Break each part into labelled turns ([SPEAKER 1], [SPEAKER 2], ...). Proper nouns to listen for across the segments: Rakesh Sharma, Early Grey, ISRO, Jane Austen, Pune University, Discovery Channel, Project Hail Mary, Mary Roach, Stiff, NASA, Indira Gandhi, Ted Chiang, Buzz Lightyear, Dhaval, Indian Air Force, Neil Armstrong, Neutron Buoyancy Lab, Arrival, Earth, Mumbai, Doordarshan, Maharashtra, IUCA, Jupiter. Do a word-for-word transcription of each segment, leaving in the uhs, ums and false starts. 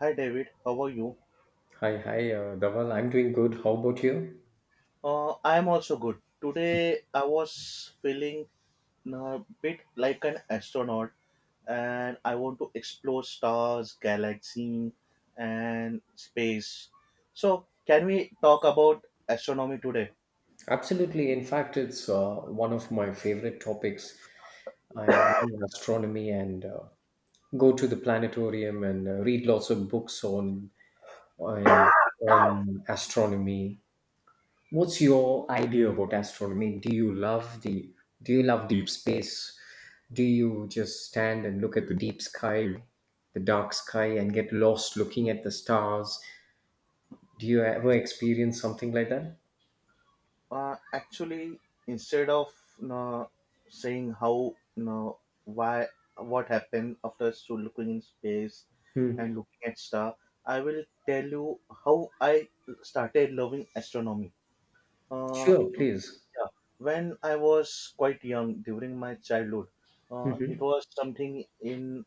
[SPEAKER 1] Hi David, how are you?
[SPEAKER 2] Hi, hi, uh, Dhaval. I'm doing good. How about you?
[SPEAKER 1] Uh, I am also good. Today I was feeling a bit like an astronaut, and I want to explore stars, galaxy, and space. So, can we talk about astronomy today?
[SPEAKER 2] Absolutely. In fact, it's uh, one of my favorite topics. I love astronomy and uh, go to the planetarium and uh, read lots of books on and on astronomy. What's your idea about astronomy? Do you love the Do you love deep space? Do you just stand and look at the deep sky, the dark sky, and get lost looking at the stars? Do you ever experience something like that?
[SPEAKER 1] Uh, actually, instead of you know, saying how, you know, why, what happened after, so looking in space
[SPEAKER 2] Hmm.
[SPEAKER 1] and looking at star, I will tell you how I started loving astronomy. Uh,
[SPEAKER 2] Sure, please.
[SPEAKER 1] yeah, when I was quite young during my childhood, uh, it
[SPEAKER 2] Mhm.
[SPEAKER 1] was something in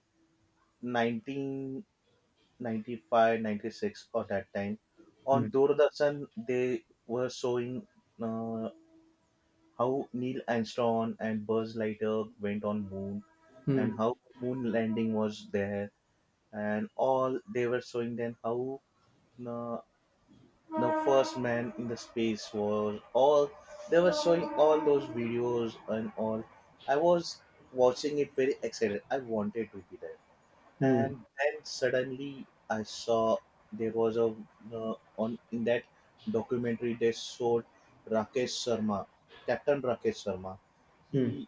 [SPEAKER 1] nineteen ninety-five, ninety-six or that time. On
[SPEAKER 2] Mm,
[SPEAKER 1] Doordarshan, they were showing Uh, how Neil Armstrong and Buzz Lightyear went on moon, and
[SPEAKER 2] mm,
[SPEAKER 1] how moon landing was there, and all. They were showing them how the, the first man in the space was, all they were showing all those videos and all. I was watching it very excited. I wanted to be there, and
[SPEAKER 2] mm,
[SPEAKER 1] then suddenly I saw there was a uh, on in that documentary. They showed rakesh sharma captain rakesh Sharma. he
[SPEAKER 2] mm.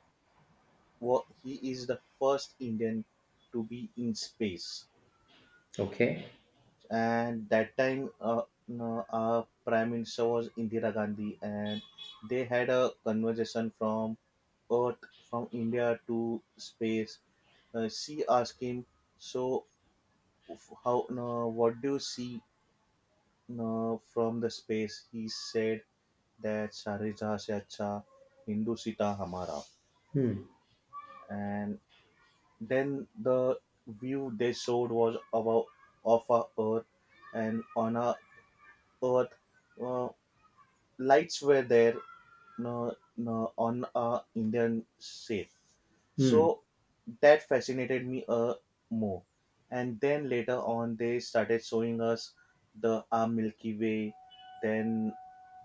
[SPEAKER 1] wa- he is the first Indian to be in space.
[SPEAKER 2] Okay.
[SPEAKER 1] And that time, uh, no, our prime minister was Indira Gandhi, and they had a conversation from earth from India to space. Uh, she asked him, so f- how no, what do you see uh, from the space. He said that सारे जहाँ से अच्छा हिंदू सीता हमारा.
[SPEAKER 2] Mm,
[SPEAKER 1] And then the view they showed was about of our Earth, and on our Earth, uh, lights were there uh, uh, on our Indian shape.
[SPEAKER 2] mm.
[SPEAKER 1] So that fascinated me uh, more. And then later on, they started showing us the our Milky Way, then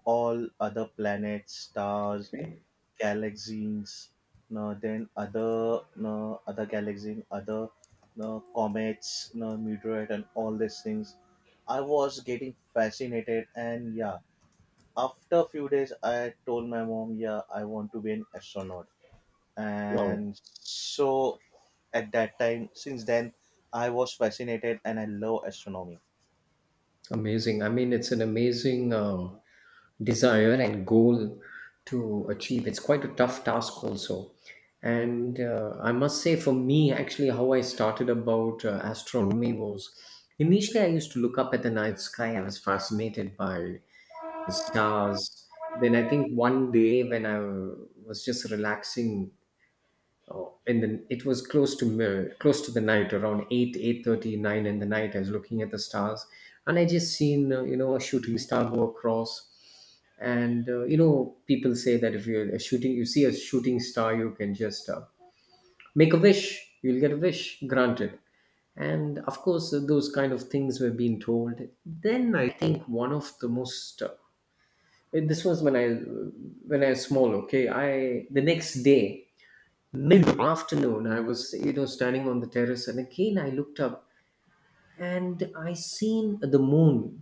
[SPEAKER 1] all other planets, stars,
[SPEAKER 2] Okay.
[SPEAKER 1] galaxies, no, then other no, other galaxies, other no, comets, no, meteorite, and all these things. I was getting fascinated, and yeah, after a few days, I told my mom, yeah, I want to be an astronaut.
[SPEAKER 2] Wow,
[SPEAKER 1] And so at that time, since then, I was fascinated, and I love astronomy.
[SPEAKER 2] amazing. I mean, it's an amazing uh, desire and goal to achieve. It's quite a tough task, also. And uh, I must say, for me, actually, how I started about uh, astronomy was initially I used to look up at the night sky. I was fascinated by the stars. Then I think one day when I was just relaxing, and then it was close to uh, close to the night, around 8 eight thirty nine in the night. I was looking at the stars, and I just seen uh, you know a shooting star go across. And uh, you know people say that if you're a shooting you see a shooting star, you can just uh, make a wish, you'll get a wish granted. And of course, uh, those kind of things were being told. Then I think one of the most uh, this was when i when i was small. Okay. I The next day, mid afternoon, I was you know standing on the terrace, and again I looked up and I seen the moon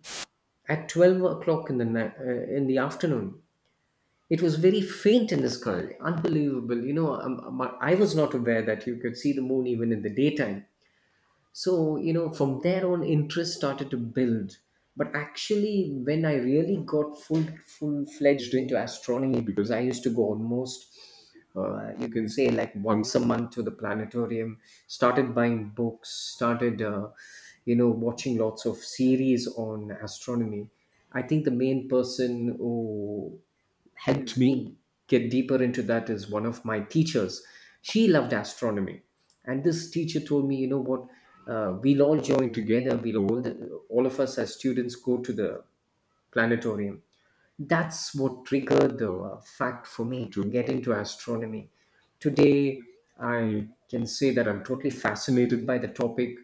[SPEAKER 2] at twelve o'clock in the night, uh, in the afternoon. It was very faint in the sky, unbelievable. you know um, um, I was not aware that you could see the moon even in the daytime. So you know from there on, interest started to build. But actually, when I really got full full fledged into astronomy, because I used to go almost, uh, you can say, like once a month to the planetarium, started buying books, started uh, you know watching lots of series on astronomy. I think the main person who helped me get deeper into that is one of my teachers. She loved astronomy, and this teacher told me, you know what, uh, we'll all join together. We'll all, all of us as students go to the planetarium. That's what triggered the uh, fact for me to get into astronomy. Today, I can say that I'm totally fascinated by the topic,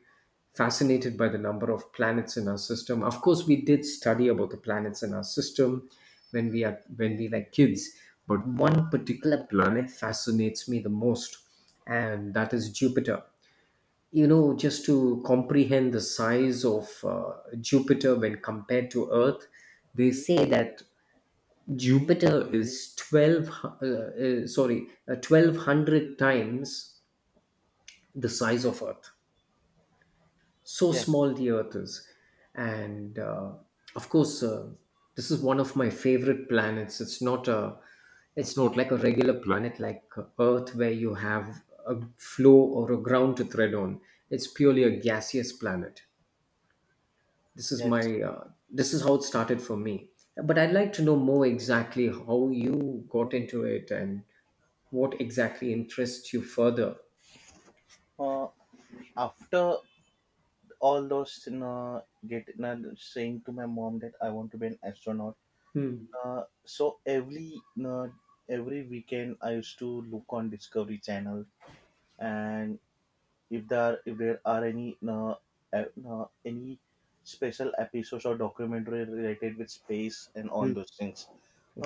[SPEAKER 2] fascinated by the number of planets in our system. Of course, we did study about the planets in our system when we are when we were kids, but one particular planet fascinates me the most, and that is Jupiter. You know, just to comprehend the size of uh, Jupiter when compared to Earth, they say that Jupiter is twelve, hu- uh, uh, sorry, uh, twelve hundred times the size of Earth. So
[SPEAKER 1] Yes,
[SPEAKER 2] small the Earth is. And uh, of course, uh, this is one of my favorite planets. It's not a it's not like a regular planet like Earth where you have a flow or a ground to tread on. It's purely a gaseous planet. this is
[SPEAKER 1] yes.
[SPEAKER 2] my uh, this is how it started for me, but I'd like to know more exactly how you got into it and what exactly interests you further.
[SPEAKER 1] Uh, After all those, you get you saying to my mom that I want to be an astronaut.
[SPEAKER 2] Hmm.
[SPEAKER 1] Uh, so every you every weekend I used to look on Discovery Channel, and if there if there are any you know, uh, any special episodes or documentary related with space and all
[SPEAKER 2] Mm.
[SPEAKER 1] those things.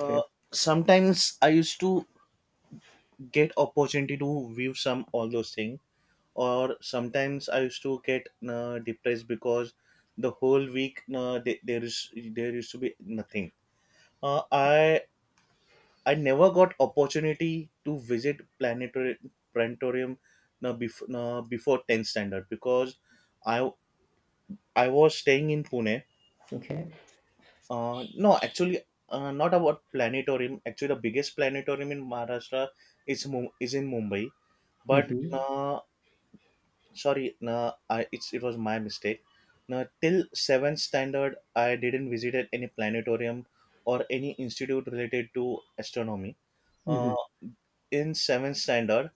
[SPEAKER 1] Uh, Sometimes I used to get opportunity to view some all those things, or sometimes I used to get uh, depressed because the whole week uh, there, there is there used to be nothing. Uh, I I never got opportunity to visit planetary planetarium uh, before uh, before tenth standard because I I was staying in Pune.
[SPEAKER 2] Okay.
[SPEAKER 1] Uh, no, Actually, uh, not about planetarium. Actually, the biggest planetarium in Maharashtra is Mum- is in Mumbai. But
[SPEAKER 2] Mm-hmm.
[SPEAKER 1] uh, sorry no I it's it was my mistake. No, till seventh standard, I didn't visited any planetarium or any institute related to astronomy.
[SPEAKER 2] Mm-hmm.
[SPEAKER 1] uh, in seventh standard,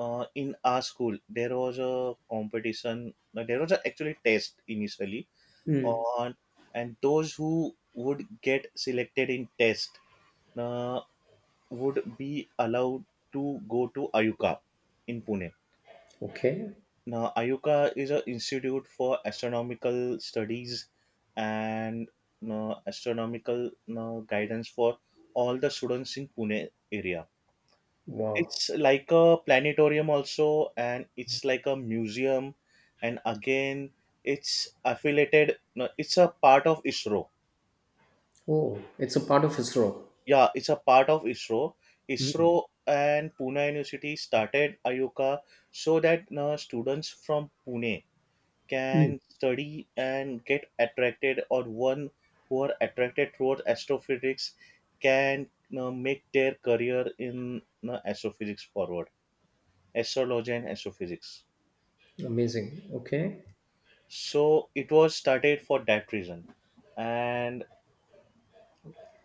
[SPEAKER 1] uh, in our school there was a competition no, there was a actually test initially
[SPEAKER 2] Mm.
[SPEAKER 1] on, and those who would get selected in test uh, would be allowed to go to Ayuka in Pune.
[SPEAKER 2] Okay.
[SPEAKER 1] Now, I U C A is an institute for astronomical studies and you astronomical you guidance for all the students in Pune area.
[SPEAKER 2] Wow.
[SPEAKER 1] It's like a planetarium also, and it's like a museum, and again, it's affiliated. No, it's a part of ISRO.
[SPEAKER 2] Oh, it's a part of ISRO.
[SPEAKER 1] Yeah, it's a part of ISRO.
[SPEAKER 2] Mm.
[SPEAKER 1] ISRO and Pune University started I U C A so that you students from Pune
[SPEAKER 2] Mm.
[SPEAKER 1] can study and get attracted, or one who are attracted towards astrophysics can, you know, make their career in, you know, astrophysics forward, astrology and astrophysics.
[SPEAKER 2] Amazing. Okay.
[SPEAKER 1] So it was started for that reason, and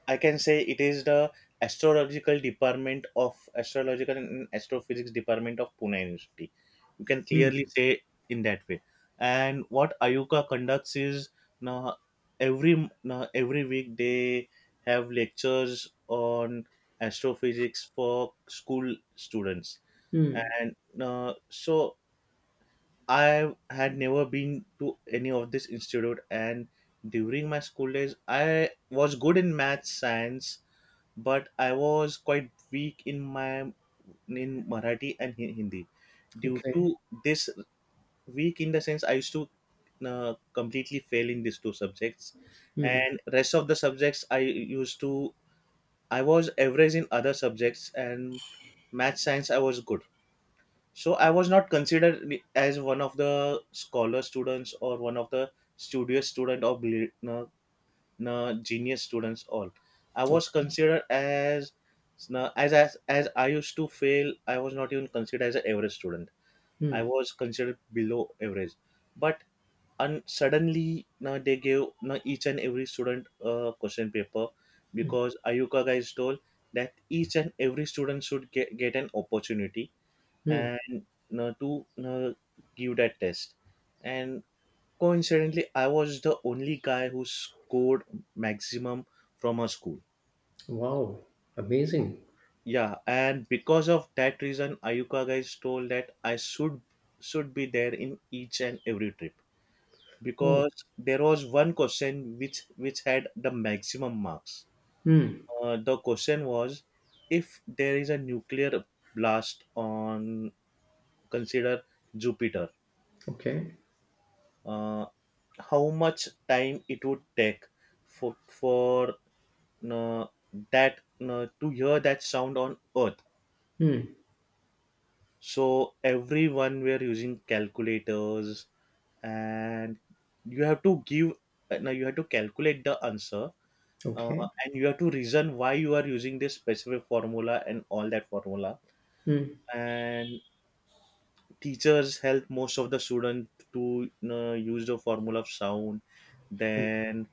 [SPEAKER 1] I can say it is the astrological department of astrological and astrophysics department of Pune University. You can
[SPEAKER 2] Mm.
[SPEAKER 1] clearly say in that way. And what Ayuka conducts is, now every now every week they have lectures on astrophysics for school students.
[SPEAKER 2] Mm.
[SPEAKER 1] And uh, so I had never been to any of this institute. And during my school days, I was good in math, science, but I was quite weak in my in Marathi and Hin- Hindi. Due
[SPEAKER 2] Okay.
[SPEAKER 1] to this, weak in the sense, I used to uh, completely fail in these two subjects,
[SPEAKER 2] Mm.
[SPEAKER 1] and rest of the subjects I used to, I was average in other subjects, and math science I was good. So I was not considered as one of the scholar students, or one of the studious student, or brilliant, na, genius students all. I was
[SPEAKER 2] Okay.
[SPEAKER 1] considered as na, as as as I used to fail. I was not even considered as an average student. I
[SPEAKER 2] Mm.
[SPEAKER 1] was considered below average. But un- suddenly na, they gave na, each and every student a question paper because Ayuka guys told that each and every student should get, get an opportunity,
[SPEAKER 2] Mm.
[SPEAKER 1] and na, to na, give that test. And coincidentally, I was the only guy who scored maximum from our school.
[SPEAKER 2] Wow, amazing.
[SPEAKER 1] Yeah, and because of that reason, Ayuka guys told that I should should be there in each and every trip
[SPEAKER 2] Oh.
[SPEAKER 1] because there was one question which which had the maximum marks.
[SPEAKER 2] Mm.
[SPEAKER 1] Uh, the question was, if there is a nuclear blast on, consider Jupiter,
[SPEAKER 2] Okay.
[SPEAKER 1] uh, how much time it would take for for no, that no, to hear that sound on Earth.
[SPEAKER 2] Mm.
[SPEAKER 1] So everyone were using calculators, and you have to give, uh, now you have to calculate the answer, uh,
[SPEAKER 2] Okay.
[SPEAKER 1] and you have to reason why you are using this specific formula and all that formula.
[SPEAKER 2] Mm.
[SPEAKER 1] And teachers help most of the students to, you know, use the formula of sound, then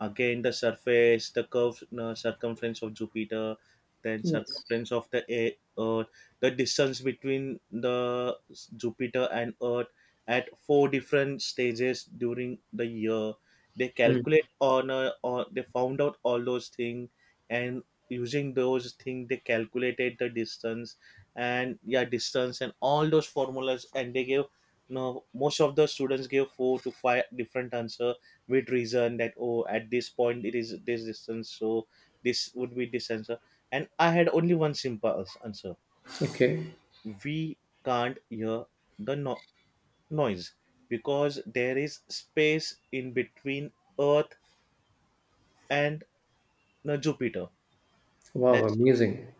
[SPEAKER 1] again the surface, the curved uh, circumference of Jupiter, then
[SPEAKER 2] Yes.
[SPEAKER 1] circumference of the e- Earth, the distance between the s- Jupiter and Earth at four different stages during the year. They
[SPEAKER 2] Mm.
[SPEAKER 1] calculate on a, or they found out all those things, and using those things they calculated the distance, and yeah, distance and all those formulas, and they gave, no, most of the students gave four to five different answer with reason that, oh, at this point it is this distance, so this would be this answer. And I had only one simple ans- answer:
[SPEAKER 2] Okay.
[SPEAKER 1] we can't hear the no- noise because there is space in between Earth and the Jupiter.
[SPEAKER 2] Wow,
[SPEAKER 1] That's,
[SPEAKER 2] amazing.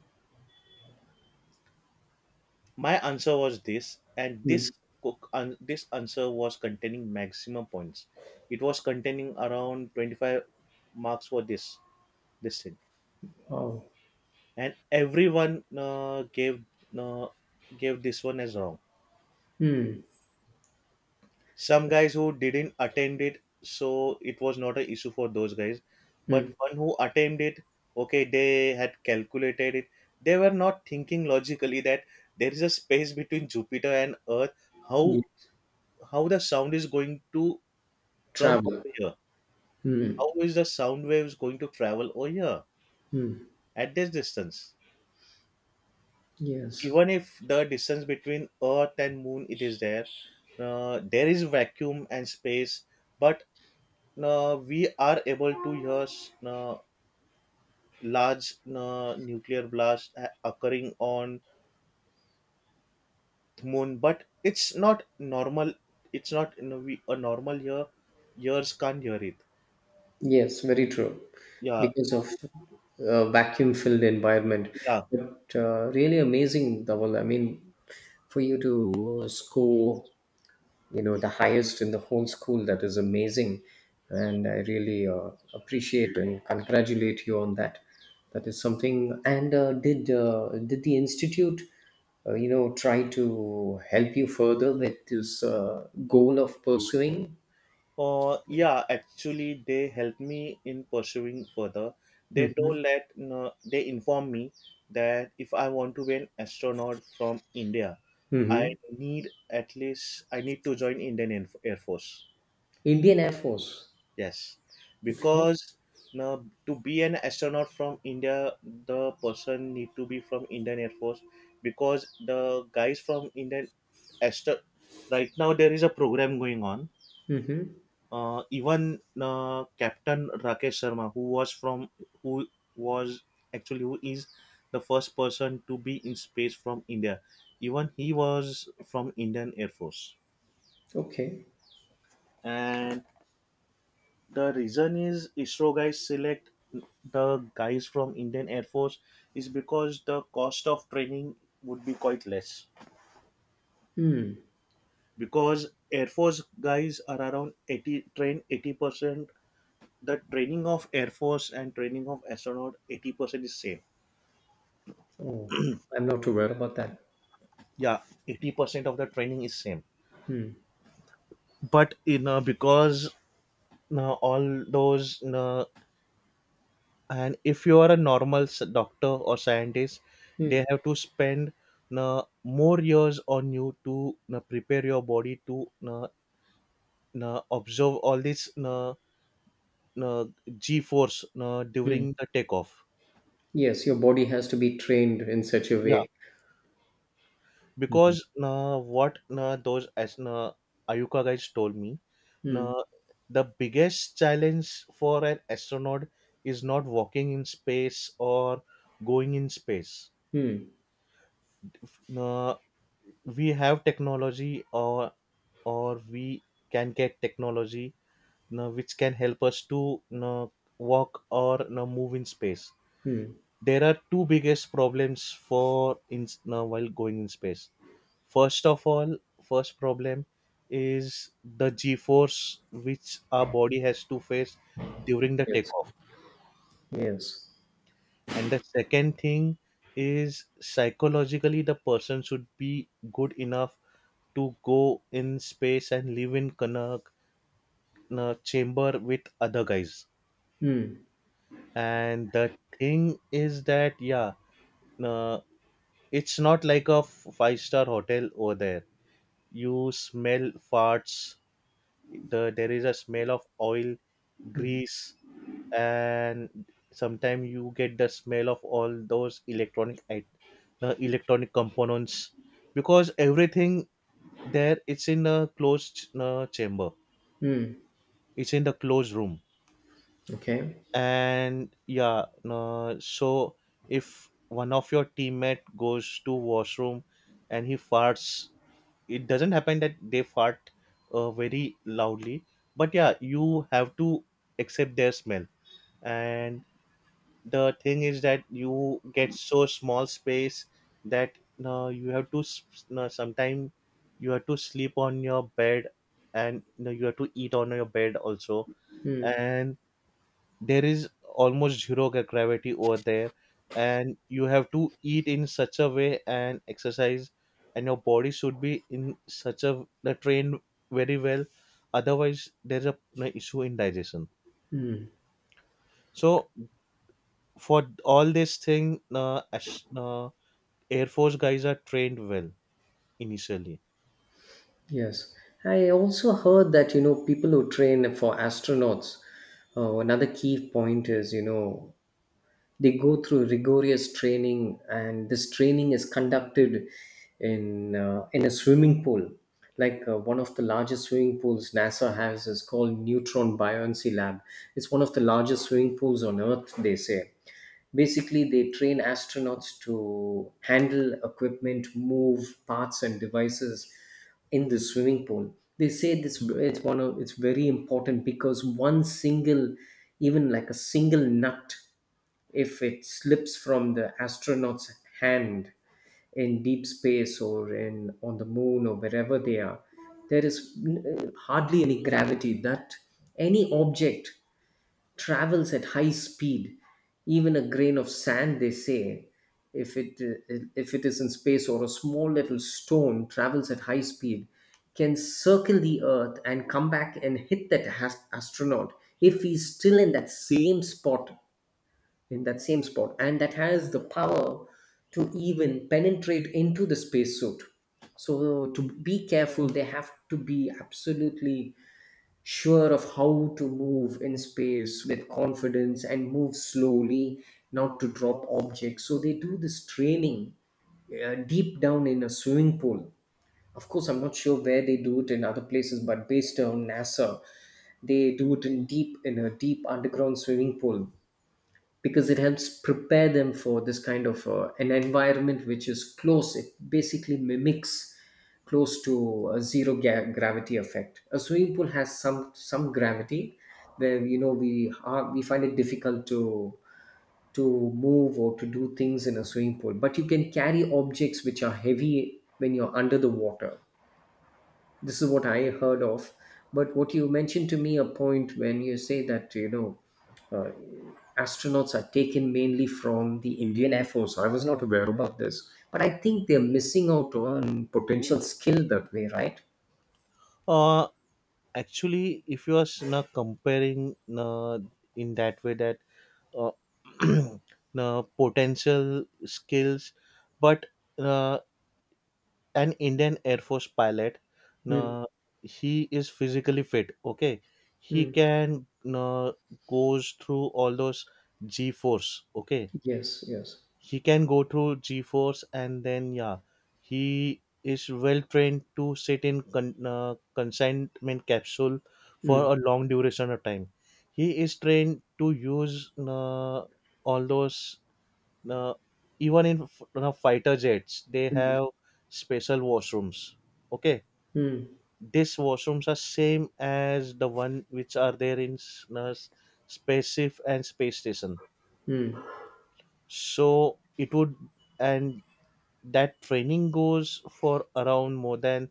[SPEAKER 1] my answer was this, and this
[SPEAKER 2] Mm.
[SPEAKER 1] cook an- this answer was containing maximum points. It was containing around twenty-five marks for this this thing.
[SPEAKER 2] Wow.
[SPEAKER 1] And everyone uh, gave uh, gave this one as wrong.
[SPEAKER 2] Mm.
[SPEAKER 1] Some guys who didn't attend it, so it was not an issue for those guys, but
[SPEAKER 2] Mm.
[SPEAKER 1] one who attended, okay, they had calculated it. They were not thinking logically that there is a space between Jupiter and Earth. how
[SPEAKER 2] Yes.
[SPEAKER 1] how the sound is going to come
[SPEAKER 2] Traveler.
[SPEAKER 1] over here,
[SPEAKER 2] Mm.
[SPEAKER 1] how is the sound waves going to travel over here at this distance?
[SPEAKER 2] Yes.
[SPEAKER 1] Even if the distance between Earth and moon it is there, uh, there is vacuum and space, but uh, we are able to hear uh, large uh, nuclear blast ha- occurring on moon, but it's not normal. It's not, you know, we a normal year, years can't hear it.
[SPEAKER 2] Yes, very true.
[SPEAKER 1] Yeah,
[SPEAKER 2] Because of a vacuum-filled environment.
[SPEAKER 1] yeah.
[SPEAKER 2] But uh, really amazing, Dhaval. I mean, for you to uh, score you know the highest in the whole school, that is amazing, and I really uh, appreciate and congratulate you on that. That is something. And uh, did uh, did the institute, uh, you know try to help you further with this uh, goal of pursuing.
[SPEAKER 1] Uh, yeah, Actually, they helped me in pursuing further. They
[SPEAKER 2] Hmm.
[SPEAKER 1] told that, no, they informed me that if I want to be an astronaut from India, I
[SPEAKER 2] Hmm.
[SPEAKER 1] need, at least I need to join Indian Air Air Force.
[SPEAKER 2] Indian Air Force.
[SPEAKER 1] Yes,
[SPEAKER 2] Okay.
[SPEAKER 1] because now, to be an astronaut from India, the person need to be from Indian Air Force, because the guys from Indian astro, right now there is a program going on.
[SPEAKER 2] Hmm.
[SPEAKER 1] Uh, even uh, Captain Rakesh Sharma, who was from, who was actually who is the first person to be in space from India, even he was from Indian Air Force.
[SPEAKER 2] Okay.
[SPEAKER 1] And the reason is, ISRO guys select the guys from Indian Air Force is because the cost of training would be quite less,
[SPEAKER 2] Hmm.
[SPEAKER 1] because Air Force guys are around eighty trained, eighty percent, the training of air force and training of astronaut eighty percent is same.
[SPEAKER 2] Oh, I'm not aware about that.
[SPEAKER 1] Yeah, eighty percent of the training is same.
[SPEAKER 2] Hmm.
[SPEAKER 1] But you know, because, you know, all those, you know, and if you are a normal s- doctor or scientist,
[SPEAKER 2] Hmm.
[SPEAKER 1] they have to spend, you know, more years on you to, you know, prepare your body to, you know, you know, observe all this, you know, you know, g force, you know,
[SPEAKER 2] Hmm.
[SPEAKER 1] during the takeoff.
[SPEAKER 2] Yes, your body has to be trained in such a way. Hmm.
[SPEAKER 1] Because uh, what uh, those as uh, Ayuka guys told me,
[SPEAKER 2] Hmm.
[SPEAKER 1] uh, the biggest challenge for an astronaut is not walking in space or going in space.
[SPEAKER 2] Hmm.
[SPEAKER 1] Uh, we have technology, or or we can get technology uh, which can help us to uh, walk or uh, move in space.
[SPEAKER 2] Mm.
[SPEAKER 1] There are two biggest problems for in now while going in space. First of all, first problem is the g force which our body has to face during the
[SPEAKER 2] Yes,
[SPEAKER 1] takeoff.
[SPEAKER 2] yes.
[SPEAKER 1] And the second thing is psychologically the person should be good enough to go in space and live in kana na chamber with other guys.
[SPEAKER 2] Hmm.
[SPEAKER 1] And the thing is that yeah. uh, It's not like a f- five star hotel over there. You smell farts. The, there is a smell of oil, grease, and sometimes you get the smell of all those electronic it, the electronic components because everything there it's in a closed uh, chamber.
[SPEAKER 2] Hmm.
[SPEAKER 1] It's in the closed room,
[SPEAKER 2] Okay.
[SPEAKER 1] and yeah. Uh, so if one of your teammate goes to washroom and he farts, it doesn't happen that they fart uh, very loudly, but yeah, you have to accept their smell. And the thing is that you get so small space that uh, you have to, uh, sometimes you have to sleep on your bed, and you know, you have to eat on your bed also.
[SPEAKER 2] Hmm.
[SPEAKER 1] And there is almost zero gra- gravity over there, and you have to eat in such a way and exercise, and your body should be in such a the trained very well, otherwise there's a an issue in digestion. So for all this thing uh, as, uh, air force guys are trained well initially.
[SPEAKER 2] Yes. I also heard that, you know, people who train for astronauts, uh, another key point is, you know, they go through rigorous training, and this training is conducted in uh, in a swimming pool. Like uh, one of the largest swimming pools NASA has is called Neutron Buoyancy Lab. It's one of the largest swimming pools on Earth, they say. Basically, they train astronauts to handle equipment, move parts and devices in the swimming pool. They say this, it's one of it's very important, because one single, even like a single nut, if it slips from the astronaut's hand in deep space or in on the moon or wherever they are, there is n- hardly any gravity, that any object travels at high speed. Even a grain of sand, they say, if it if it is in space, or a small little stone travels at high speed, can circle the earth and come back and hit that has- astronaut if he's still in that same spot, in that same spot and that has the power to even penetrate into the spacesuit. So to be careful, they have to be absolutely sure of how to move in space with confidence and move slowly, not to drop objects. So they do this training uh, deep down in a swimming pool. Of course, I'm not sure where they do it in other places, but based on NASA, they do it in deep in a deep underground swimming pool, because it helps prepare them for this kind of uh, an environment which is close. It basically mimics close to a zero ga- gravity effect. A swimming pool has some some gravity, where you know we are, we find it difficult to to move or to do things in a swimming pool. But you can carry objects which are heavy when you're under the water. This is what I heard of. But what you mentioned to me, a point when you say that, you know. uh, Astronauts are taken mainly from the Indian Air Force. I was not aware about this, but I think they're missing out on potential skill that way, right?
[SPEAKER 1] uh Actually, if you are s- na comparing na in that way that, uh, uh, potential skills, but uh, an indian air force pilot,
[SPEAKER 2] Mm.
[SPEAKER 1] uh, he is physically fit, okay. He
[SPEAKER 2] Mm.
[SPEAKER 1] can uh, goes through all those g force, okay.
[SPEAKER 2] Yes, yes.
[SPEAKER 1] He can go through g force, and then yeah, he is well trained to sit in con- uh, consignment capsule for
[SPEAKER 2] Mm.
[SPEAKER 1] a long duration of time. He is trained to use uh, all those. Now, even in f- you know, fighter jets, they
[SPEAKER 2] Mm.
[SPEAKER 1] have special washrooms. Okay,
[SPEAKER 2] Mm.
[SPEAKER 1] these washrooms are same as the one which are there in s- you know, spaceship and space station.
[SPEAKER 2] Mm.
[SPEAKER 1] So it would, and that training goes for around more than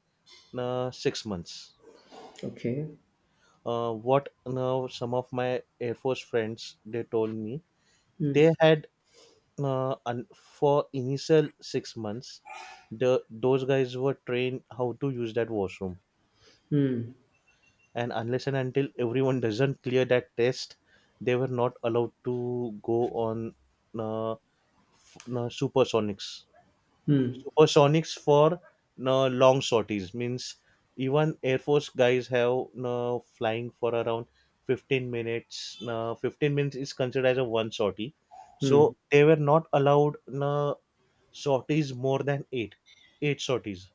[SPEAKER 1] uh, six months.
[SPEAKER 2] Okay.
[SPEAKER 1] Uh, what now, some of my Air Force friends they told me
[SPEAKER 2] Mm.
[SPEAKER 1] they had, uh, and for initial six months, the those guys were trained how to use that washroom.
[SPEAKER 2] Mm.
[SPEAKER 1] And unless and until everyone doesn't clear that test, they were not allowed to go on uh, f- uh, supersonics.
[SPEAKER 2] Mm.
[SPEAKER 1] Supersonics for no long sorties means even air force guys have no flying for around fifteen minutes. No, fifteen minutes is considered as a one sortie, so
[SPEAKER 2] Mm.
[SPEAKER 1] they were not allowed no sorties more than eight eight sorties.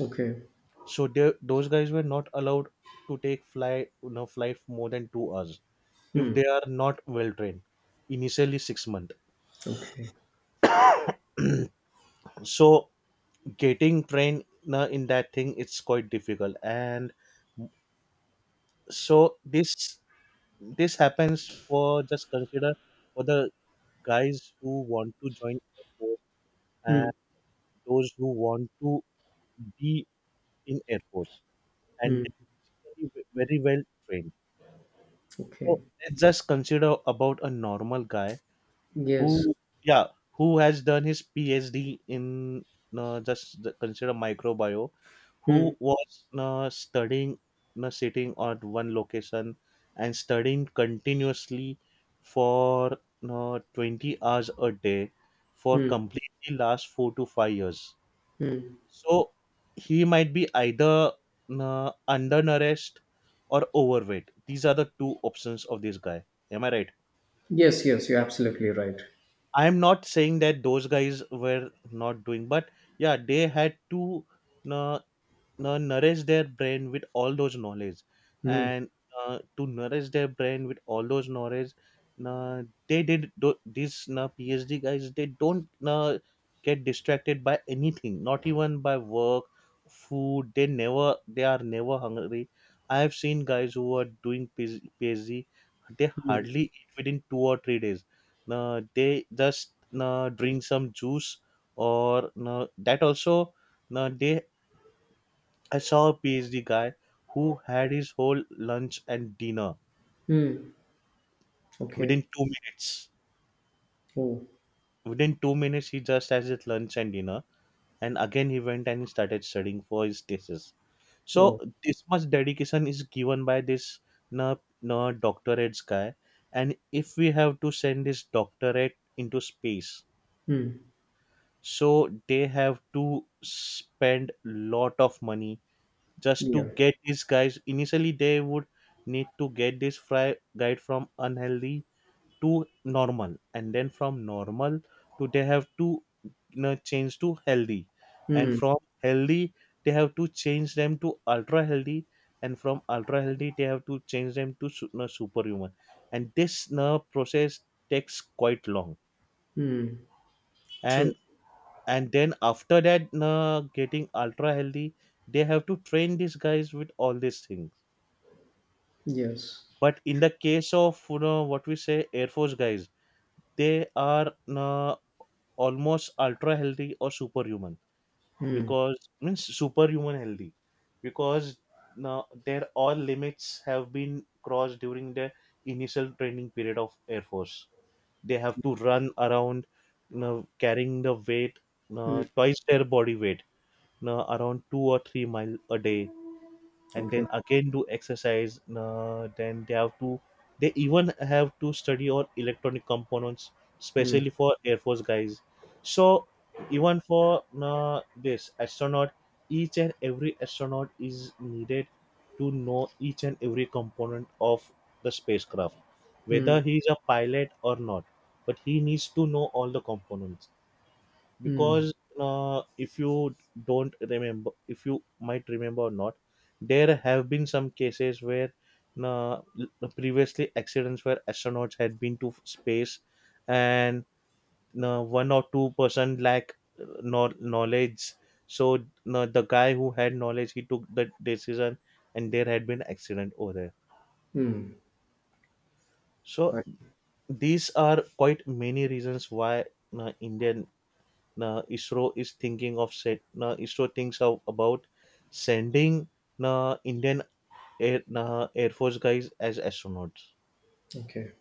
[SPEAKER 2] Okay.
[SPEAKER 1] So they, those guys were not allowed to take flight, no flight more than two hours, if
[SPEAKER 2] Mm.
[SPEAKER 1] they are not well trained initially six months.
[SPEAKER 2] Okay.
[SPEAKER 1] So getting trained na in that thing it's quite difficult. And so this this happens for just consider for the guys who want to join air force, and
[SPEAKER 2] Mm.
[SPEAKER 1] those who want to be in air force, and
[SPEAKER 2] Mm.
[SPEAKER 1] they're very, very well trained. So
[SPEAKER 2] Okay.
[SPEAKER 1] let's just consider about a normal guy who
[SPEAKER 2] Yes.
[SPEAKER 1] yeah, who has done his phd in uh, just the- consider microbio, who
[SPEAKER 2] Mm.
[SPEAKER 1] was uh, studying, uh, sitting at one location and studying continuously for uh, twenty hours a day for
[SPEAKER 2] Mm.
[SPEAKER 1] completely last four to five years.
[SPEAKER 2] Mm.
[SPEAKER 1] So he might be either uh, undernourished or overweight, these are the two options of this guy. Am I right?
[SPEAKER 2] Yes, yes, you're absolutely right.
[SPEAKER 1] I'm not saying that those guys were not doing, but yeah, they had to uh, nourish their brain with all those knowledge.
[SPEAKER 2] Mm.
[SPEAKER 1] And uh, to nourish their brain with all those knowledge, uh, they did do- these uh, phd guys, they don't uh, get distracted by anything, not even by work, food. They never they are never hungry. I have seen guys who are doing PhD, they
[SPEAKER 2] Mm.
[SPEAKER 1] hardly eat within two or three days. Uh, they just uh, drink some juice, or uh, that also. No, they, I saw a PhD guy who had his whole lunch and dinner
[SPEAKER 2] Mm. Okay.
[SPEAKER 1] within two minutes.
[SPEAKER 2] Oh.
[SPEAKER 1] Within two minutes, he just has his lunch and dinner, and again he went and he started studying for his thesis. So
[SPEAKER 2] Oh.
[SPEAKER 1] this much dedication is given by this na na doctorate guy, and if we have to send this doctorate into space,
[SPEAKER 2] Mm.
[SPEAKER 1] so they have to spend lot of money just to
[SPEAKER 2] Yeah.
[SPEAKER 1] get these guys. Initially they would need to get this fry guide from unhealthy to normal, and then from normal to, they have to, you know, change to healthy, and
[SPEAKER 2] Hmm.
[SPEAKER 1] from healthy they have to change them to ultra healthy, and from ultra healthy they have to change them to su- you know, superhuman. And this, you know, process takes quite long.
[SPEAKER 2] Hmm. True.
[SPEAKER 1] and and then after that you, getting ultra healthy, they have to train these guys with all these things.
[SPEAKER 2] Yes.
[SPEAKER 1] But in the case of, you know what we say, air force guys, they are uh, almost ultra healthy or superhuman,
[SPEAKER 2] Hmm.
[SPEAKER 1] because means superhuman healthy, because now their all limits have been crossed during the initial training period of air force. They have to run around, you know, carrying the weight
[SPEAKER 2] Hmm.
[SPEAKER 1] uh, twice their body weight, you know, around two or three mile a day, and
[SPEAKER 2] Okay.
[SPEAKER 1] then again do exercise, uh, then they have to, they even have to study on electronic components,
[SPEAKER 2] Hmm.
[SPEAKER 1] especially for air force guys. So even for uh, this astronaut, each and every astronaut is needed to know each and every component of the spacecraft,
[SPEAKER 2] Hmm.
[SPEAKER 1] whether he is a pilot or not. But he needs to know all the components,
[SPEAKER 2] Hmm.
[SPEAKER 1] because uh, if you don't remember, if you might remember or not, there have been some cases where uh, previously accidents where astronauts had been to space, and uh, one or two person lack uh, no-, knowledge. So uh, the guy who had knowledge he took the decision, and there had been accident over there.
[SPEAKER 2] Hmm.
[SPEAKER 1] So
[SPEAKER 2] Right.
[SPEAKER 1] these are quite many reasons why uh, indian na isro is thinking of set na isro thinks of, about sending na indian air na air force guys as astronauts.
[SPEAKER 2] Okay.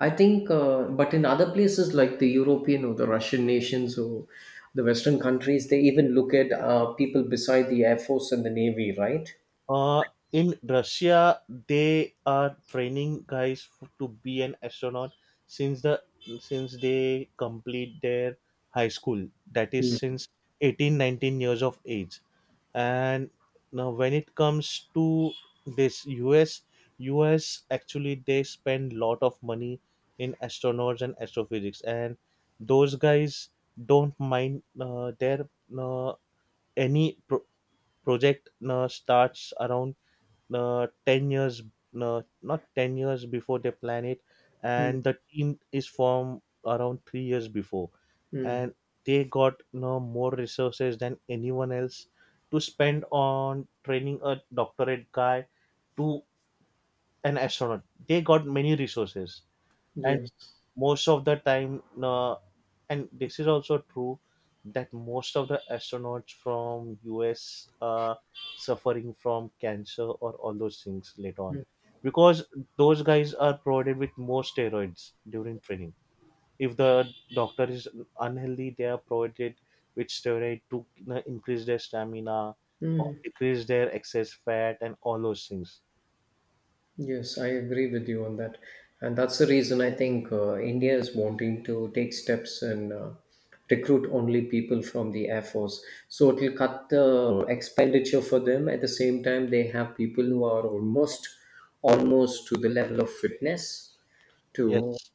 [SPEAKER 2] I think, uh, but in other places like the European or the Russian nations or the Western countries, they even look at uh, people beside the Air Force and the Navy, right?
[SPEAKER 1] Uh, in Russia, they are training guys f- to be an astronaut since the since they complete their high school. That is
[SPEAKER 2] Mm.
[SPEAKER 1] since eighteen, nineteen years of age. And now, when it comes to this U S, U S actually they spend lot of money in astronauts and astrophysics, and those guys don't mind uh, their uh, any pro- project. Uh, starts around uh, ten years, no, not ten years before they plan it,
[SPEAKER 2] Mm.
[SPEAKER 1] and the team is formed around three years before.
[SPEAKER 2] Mm.
[SPEAKER 1] And they got no more resources than anyone else to spend on training a doctorate guy to an astronaut. They got many resources, and
[SPEAKER 2] Yes.
[SPEAKER 1] most of the time uh, and this is also true that most of the astronauts from us are suffering from cancer or all those things later on, because those guys are provided with more steroids during training. If the doctor is unhealthy, they are provided with steroid to, you know, increase their stamina or
[SPEAKER 2] Mm.
[SPEAKER 1] decrease their excess fat and all those things.
[SPEAKER 2] Yes, I agree with you on that. And that's the reason I think uh, India is wanting to take steps and uh, recruit only people from the Air Force. So it will cut the expenditure for them. At the same time, they have people who are almost almost to the level of fitness to
[SPEAKER 1] Yes,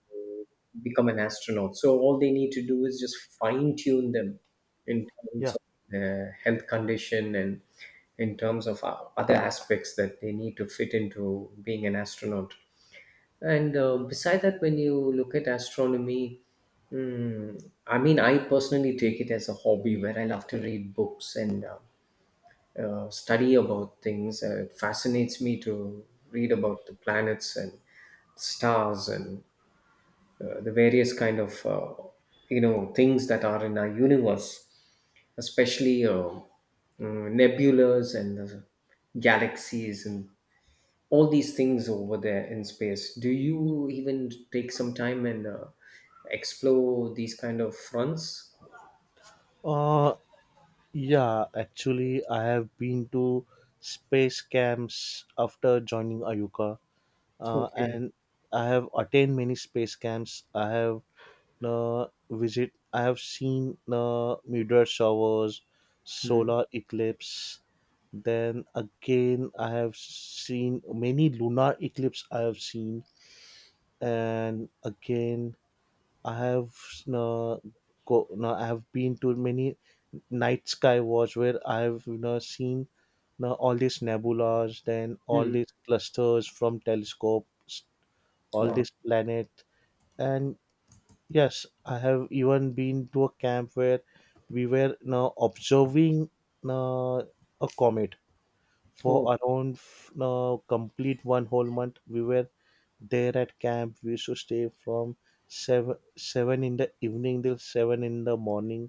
[SPEAKER 2] become an astronaut. So all they need to do is just fine tune them in terms
[SPEAKER 1] yeah,
[SPEAKER 2] of their health condition and in terms of uh, other aspects that they need to fit into being an astronaut. And uh, beside that, when you look at astronomy, mm, I mean, I personally take it as a hobby where I love to read books and uh, uh, study about things. Uh, it fascinates me to read about the planets and stars and uh, the various kind of uh, you know things that are in our universe, especially uh, mm, nebulas and the galaxies and all these things over there in space. Do you even take some time and uh, explore these kind of fronts?
[SPEAKER 1] uh yeah. Actually, I have been to space camps after joining Ayuka, uh,
[SPEAKER 2] Okay.
[SPEAKER 1] and I have attained many space camps. I have uh, visit. I have seen uh, meteor showers,
[SPEAKER 2] Mm.
[SPEAKER 1] solar eclipse. Then again, I have seen many lunar eclipse. I have seen, and again I have uh, go, no, I have been to many night sky watch where I have, you know, seen, you know, all these nebulas, then all
[SPEAKER 2] Mm.
[SPEAKER 1] these clusters from telescopes, all
[SPEAKER 2] Wow.
[SPEAKER 1] these planets, and yes, I have even been to a camp where we were, you know, observing you know, a comet for
[SPEAKER 2] Oh.
[SPEAKER 1] around f- no, complete one whole month. We were there at camp. We used to stay from 7 7 in the evening till seven in the morning.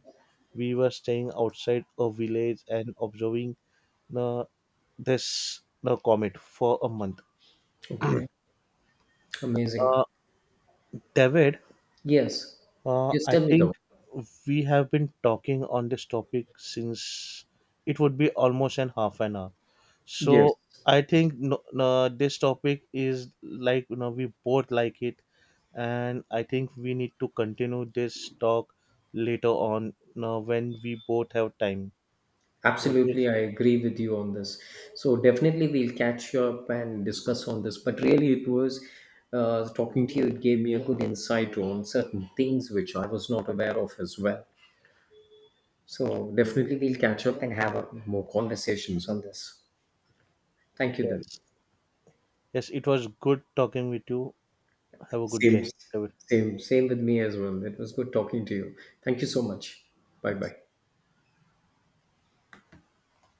[SPEAKER 1] We were staying outside a village and observing the this the comet for a month.
[SPEAKER 2] Okay. Amazing.
[SPEAKER 1] uh, David,
[SPEAKER 2] Yes.
[SPEAKER 1] Uh,
[SPEAKER 2] Yes,
[SPEAKER 1] I
[SPEAKER 2] tell me
[SPEAKER 1] think
[SPEAKER 2] though.
[SPEAKER 1] we have been talking on this topic since, it would be almost an half an hour.
[SPEAKER 2] Yes.
[SPEAKER 1] So I think no, no, this topic is like, you know we both like it, and I think we need to continue this talk later on now when we both have time. What do you
[SPEAKER 2] Absolutely, I
[SPEAKER 1] say?
[SPEAKER 2] agree with you on this. So definitely we'll catch you up and discuss on this. But really, it was uh, talking to you. It gave me a good insight on certain things which I was not aware of as well. So definitely we'll catch up and have a, more conversations on this. Thank you, then.
[SPEAKER 1] Yes, yes. It was good talking with you. Have a good day.
[SPEAKER 2] Same,
[SPEAKER 1] David.
[SPEAKER 2] same, same with me as well. It was good talking to you. Thank you so much. Bye bye.